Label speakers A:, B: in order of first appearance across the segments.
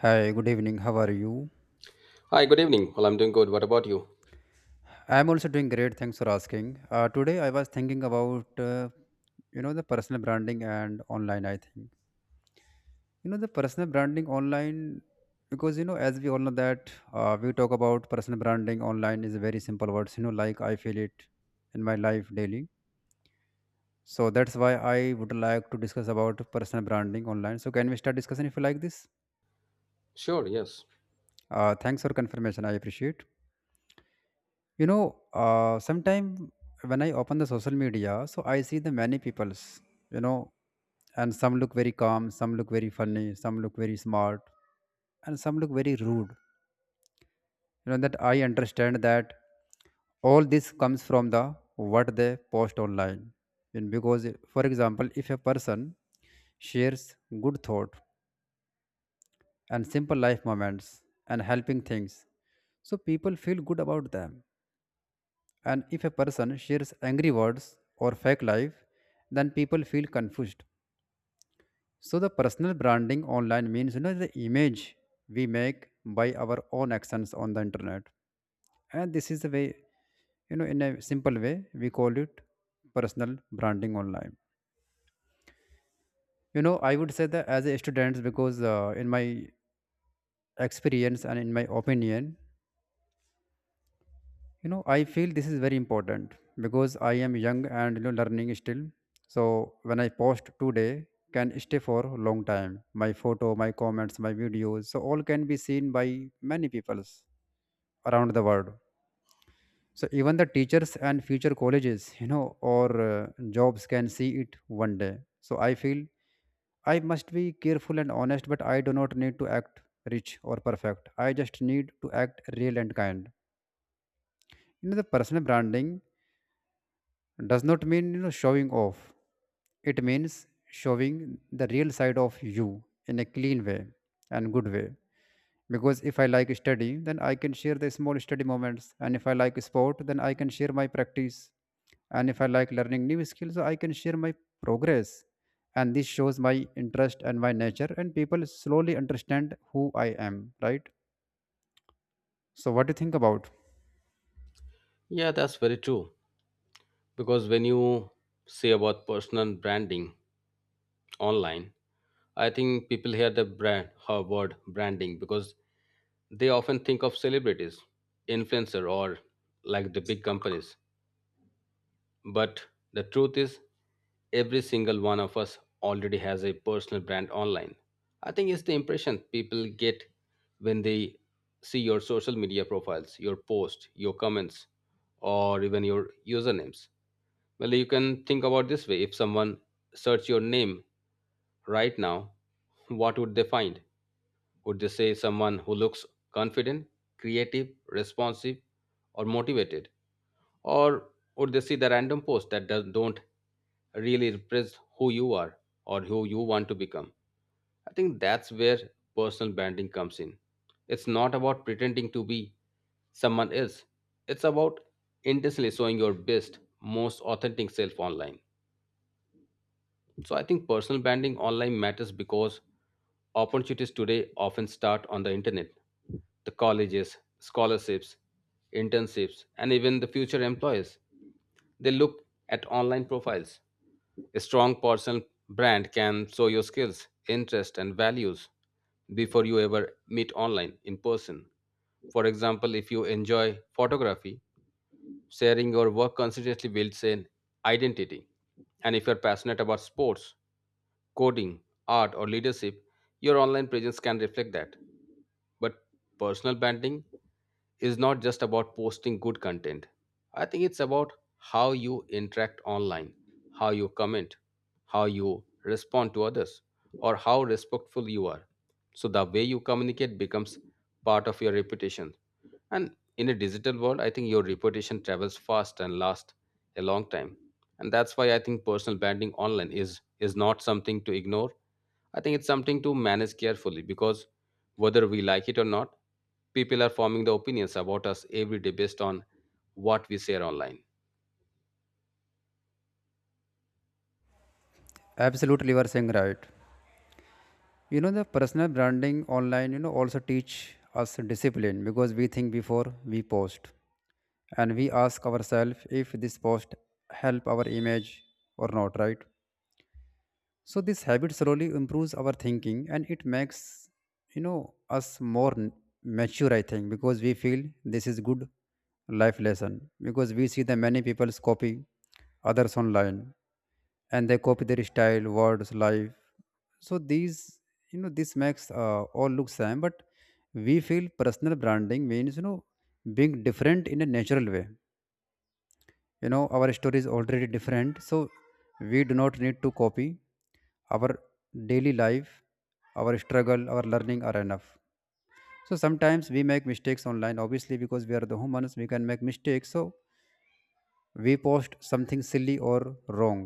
A: Hi, good evening. How are you?
B: Hi, good evening. Well, I'm doing good. What about you?
A: I'm also doing great. Thanks for asking. Today I was thinking about the personal branding and online. I think the personal branding online because as we all know that we talk about personal branding online is a very simple words. You know, like I feel it in my life daily. So that's why I would like to discuss about personal branding online. So can we start discussing if you like this?
B: Sure, yes.
A: Thanks for confirmation. I appreciate. You know, sometime when I open the social media, so I see the many peoples, you know, and some look very calm, some look very funny, some look very smart, and some look very rude. You know that I understand that all this comes from the what they post online. And because, for example, if a person shares good thought and simple life moments and helping things, so people feel good about them. And if a person shares angry words or fake life, then people feel confused. So the personal branding online means you know the image we make by our own actions on the internet. And this is the way, you know, in a simple way, we call it personal branding online. You know, I would say that as a student because in my experience and in my opinion, you know I feel this is very important because I am young and you know learning still. So when I post today can stay for a long time. My photo, my comments, my videos, so all can be seen by many peoples around the world. So even the teachers and future colleges you know or jobs can see it one day. So I feel I must be careful and honest, but I do not need to act rich or perfect. I just need to act real and kind. You know the personal branding does not mean you know showing off. It means showing the real side of you in a clean way and good way. Because if I like study, then I can share the small study moments. And if I like sport, then I can share my practice. And if I like learning new skills, I can share my progress. And this shows my interest and my nature, and people slowly understand who I am, right? So what do you think about?
B: Yeah, that's very true. Because when you say about personal branding online, I think people hear the brand her word branding because they often think of celebrities, influencer, or like the big companies. But the truth is, every single one of us already has a personal brand online. I think it's the impression people get when they see your social media profiles, your posts, your comments, or even your usernames. Well, you can think about this way, if someone search your name right now, what would they find? Would they say someone who looks confident, creative, responsive, or motivated? Or would they see the random posts that don't really represent who you are or who you want to become? I think that's where personal branding comes in. It's not about pretending to be someone else. It's about intentionally showing your best, most authentic self online. So I think personal branding online matters because opportunities today often start on the internet. The colleges, scholarships, internships, and even the future employers. They look at online profiles. A strong personal brand can show your skills, interests, and values before you ever meet online in person. For example, if you enjoy photography, sharing your work consistently builds an identity. And if you're passionate about sports, coding, art, or leadership, your online presence can reflect that. But personal branding is not just about posting good content. I think it's about how you interact online, how you comment, how you respond to others, or how respectful you are. So the way you communicate becomes part of your reputation. And in a digital world, I think your reputation travels fast and lasts a long time. And that's why I think personal branding online is not something to ignore. I think it's something to manage carefully because whether we like it or not, people are forming the opinions about us every day based on what we share online.
A: Absolutely, you are saying right. You know the personal branding online you know also teach us discipline because we think before we post. And we ask ourselves if this post help our image or not, right? So this habit slowly improves our thinking, and it makes you know us more mature, I think, because we feel this is good life lesson. Because we see the many people's copy others online, and they copy their style, words, life. So these you know this makes all look same. But we feel personal branding means you know being different in a natural way. You know our story is already different, so we do not need to copy. Our daily life, our struggle, our learning are enough. So sometimes we make mistakes online obviously because we are the humans, we can make mistakes. So we post something silly or wrong,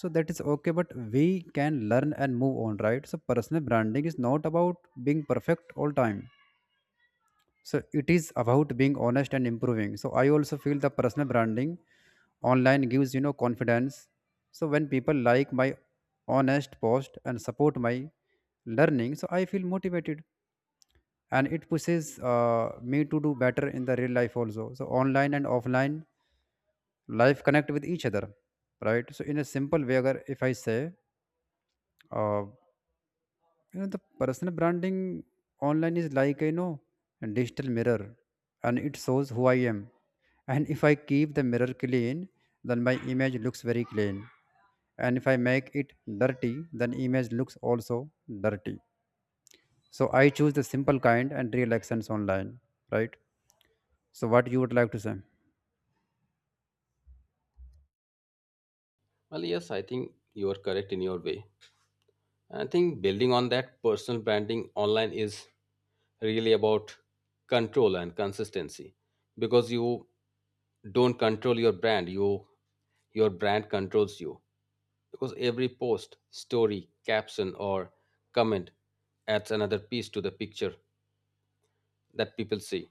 A: so that is okay, but we can learn and move on, right? So personal branding is not about being perfect all time. So it is about being honest and improving. So I also feel the personal branding online gives you know confidence. So when people like my honest post and support my learning, so I feel motivated, and it pushes me to do better in the real life also. So online and offline life connect with each other, right? So in a simple way agar if I say uh, you know the personal branding online is like you know a digital mirror, and it shows who I am. And if I keep the mirror clean, then my image looks very clean. And if I make it dirty, then image looks also dirty. So I choose the simple, kind and real actions online, right? So what you would like to say?
B: Well, yes, I think you are correct in your way. And I think building on that, personal branding online is really about control and consistency, because you don't control your brand, you your brand controls you, because every post, story, caption, or comment adds another piece to the picture that people see.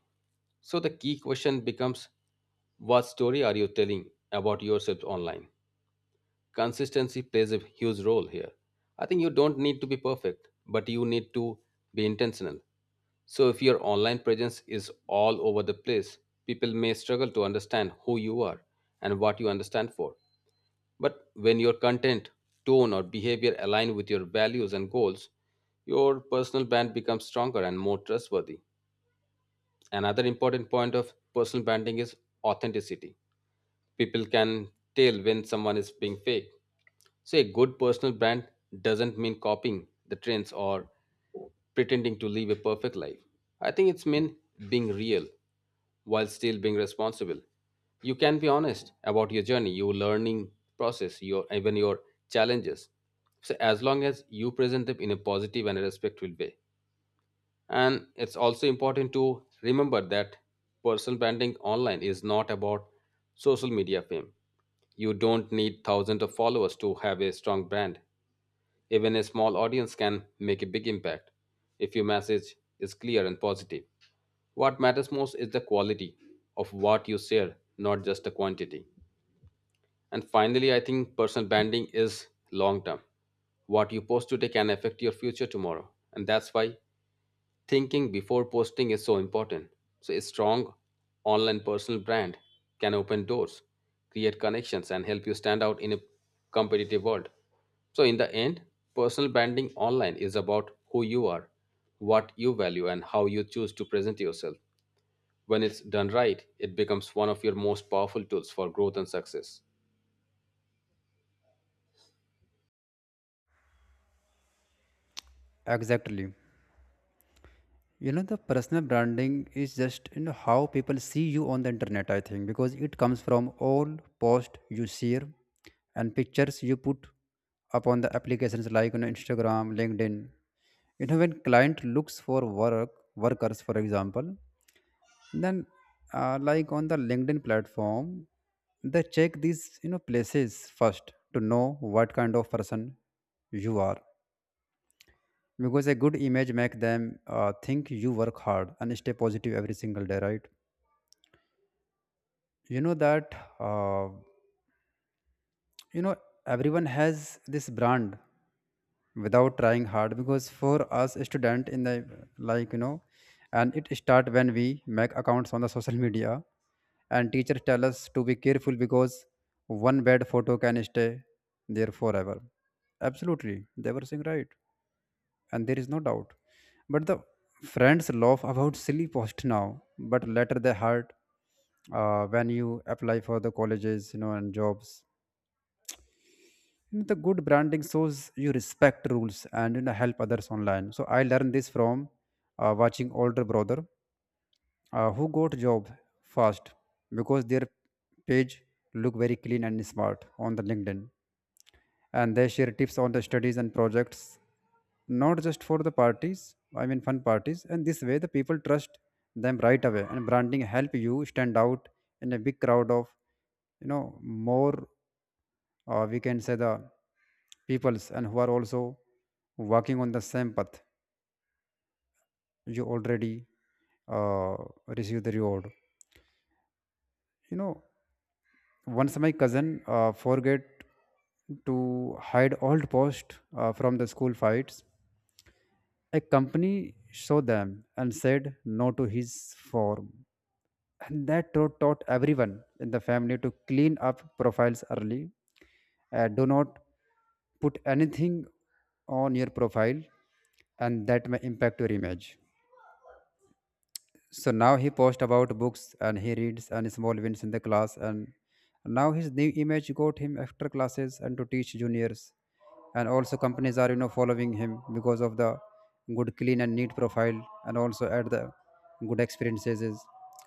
B: So the key question becomes, what story are you telling about yourself online? Consistency plays a huge role here. I think you don't need to be perfect, but you need to be intentional. So, if your online presence is all over the place, people may struggle to understand who you are and what you understand for. But when your content, tone, or behavior align with your values and goals, your personal brand becomes stronger and more trustworthy. Another important point of personal branding is authenticity. People can tell when someone is being fake, so a good personal brand doesn't mean copying the trends or pretending to live a perfect life. I think it's mean being real while still being responsible. You can be honest about your journey, your learning process, your even your challenges. So as long as you present them in a positive and a respectful way. And it's also important to remember that personal branding online is not about social media fame. You don't need thousands of followers to have a strong brand. Even a small audience can make a big impact if your message is clear and positive. What matters most is the quality of what you share, not just the quantity. And finally, I think personal branding is long term. What you post today can affect your future tomorrow. And that's why thinking before posting is so important. So, a strong online personal brand can open doors, create connections, and help you stand out in a competitive world. So, in the end, personal branding online is about who you are, what you value, and how you choose to present yourself. When it's done right, it becomes one of your most powerful tools for growth and success.
A: Exactly. You know, the personal branding is just you know how people see you on the internet, I think, because it comes from all posts you share and pictures you put up on the applications like you know, Instagram, LinkedIn. You know, when client looks for workers, for example, then like on the LinkedIn platform, they check these you know places first to know what kind of person you are because a good image make them think you work hard and stay positive every single day, right? You know that uh, you know everyone has this brand without trying hard because for us a student in the like you know and it start when we make accounts on the social media and teachers tell us to be careful because one bad photo can stay there forever. Absolutely, they were saying right, and there is no doubt. But the friends laugh about silly post now, but later they hurt when you apply for the colleges, you know, and jobs. You know, the good branding shows you respect rules and you know help others online. So I learned this from watching older brother who got job fast because their page look very clean and smart on the LinkedIn. And they share tips on the studies and projects, not just for the parties, I mean fun parties. And this way the people trust them right away, and branding help you stand out in a big crowd of you know more we can say the peoples and who are also working on the same path. You already uh, receive the reward, you know. Once my cousin forget to hide old post from the school fights. A company saw them and said no to his form. And that taught everyone in the family to clean up profiles early. Do not put anything on your profile, and that may impact your image. So now he posts about books and he reads and small wins in the class. And now his new image got him extra classes and to teach juniors. And also companies are you know following him because of the good, clean and neat profile, and also at the good experiences is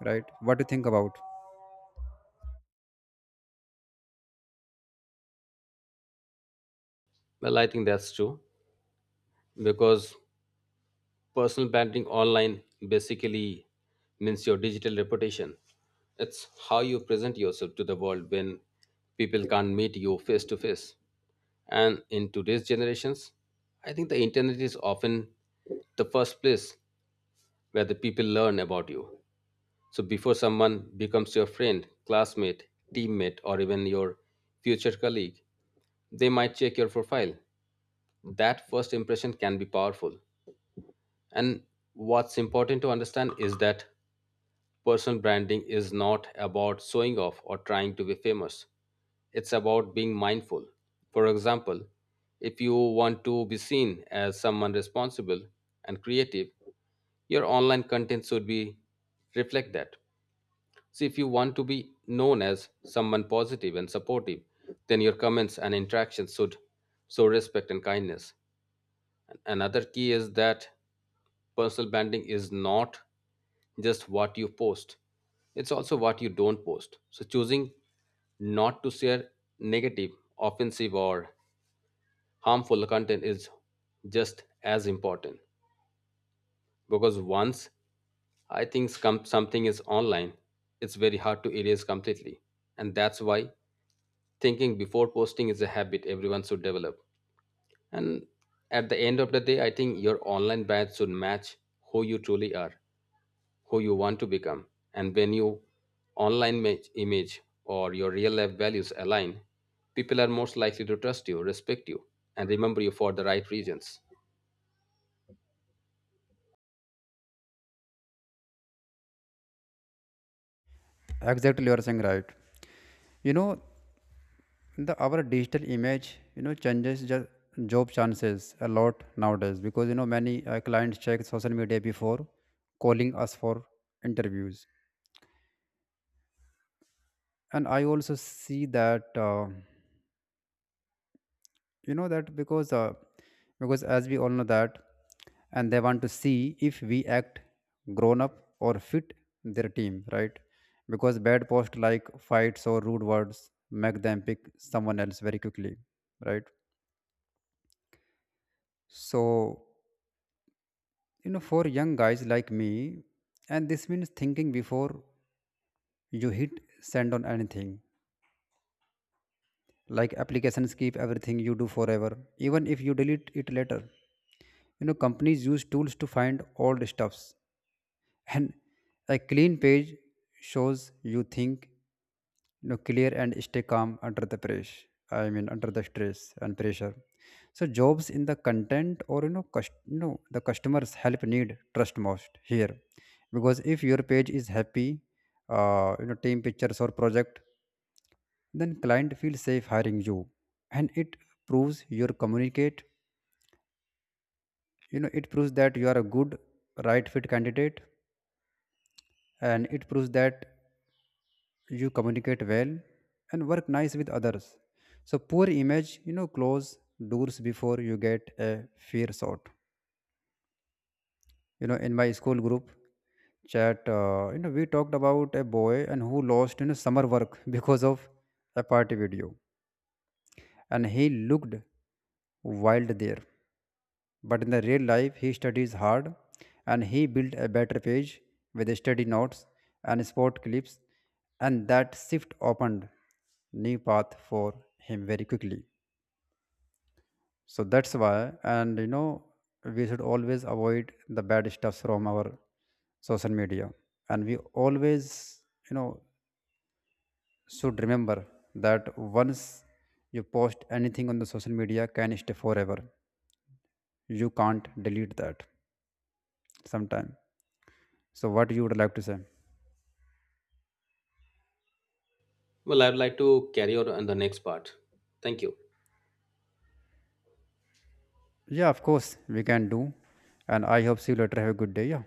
A: right. What do you think about?
B: Well, I think that's true because personal branding online basically means your digital reputation. It's how you present yourself to the world when people can't meet you face to face. And in today's generations, I think the internet is often the first place where the people learn about you. So before someone becomes your friend, classmate, teammate, or even your future colleague, they might check your profile. That first impression can be powerful. And what's important to understand is that personal branding is not about showing off or trying to be famous. It's about being mindful. For example, if you want to be seen as someone responsible and creative, your online content should be reflect that. So if you want to be known as someone positive and supportive, then your comments and interactions should show respect and kindness. Another key is that personal branding is not just what you post. It's also what you don't post. So choosing not to share negative, offensive, or harmful content is just as important, because once I think something is online, it's very hard to erase completely. And that's why thinking before posting is a habit everyone should develop. And at the end of the day, I think your online badge should match who you truly are, who you want to become. And when you image or your real life values align, people are most likely to trust you, respect you, and remember you for the right reasons.
A: Exactly, you are saying right. You know the our digital image you know changes just job chances a lot nowadays because you know many clients check social media before calling us for interviews. And I also see that you know that because uh, because as we all know that and they want to see if we act grown up or fit their team, right? Because bad posts like fights or rude words make them pick someone else very quickly, right? So you know for young guys like me, and this means thinking before you hit send on anything, like applications keep everything you do forever even if you delete it later. You know companies use tools to find old stuffs. And a clean page shows you think you know clear and stay calm under the pressure, I mean under the stress and pressure. So jobs in the content or you know the customers help need trust most here. Because if your page is happy, you know team pictures or project, then client feels safe hiring you, and it proves your communicate, you know it proves that you are a good right fit candidate. And it proves that you communicate well and work nice with others. So poor image you know close doors before you get a fair shot. You know in my school group chat, you know we talked about a boy and who lost you know summer work because of a party video, and he looked wild there. But in the real life, he studies hard and he built a better page with study notes and sport clips, and that shift opened new path for him very quickly. So that's why, and you know, we should always avoid the bad stuff from our social media, and we always, you know, should remember that once you post anything on the social media, can stay forever. You can't delete that sometime. So what you would like to say?
B: Well, I'd like to carry on the next part. Thank you.
A: Yeah, of course we can do. And I hope see you later. Have a good day. Yeah.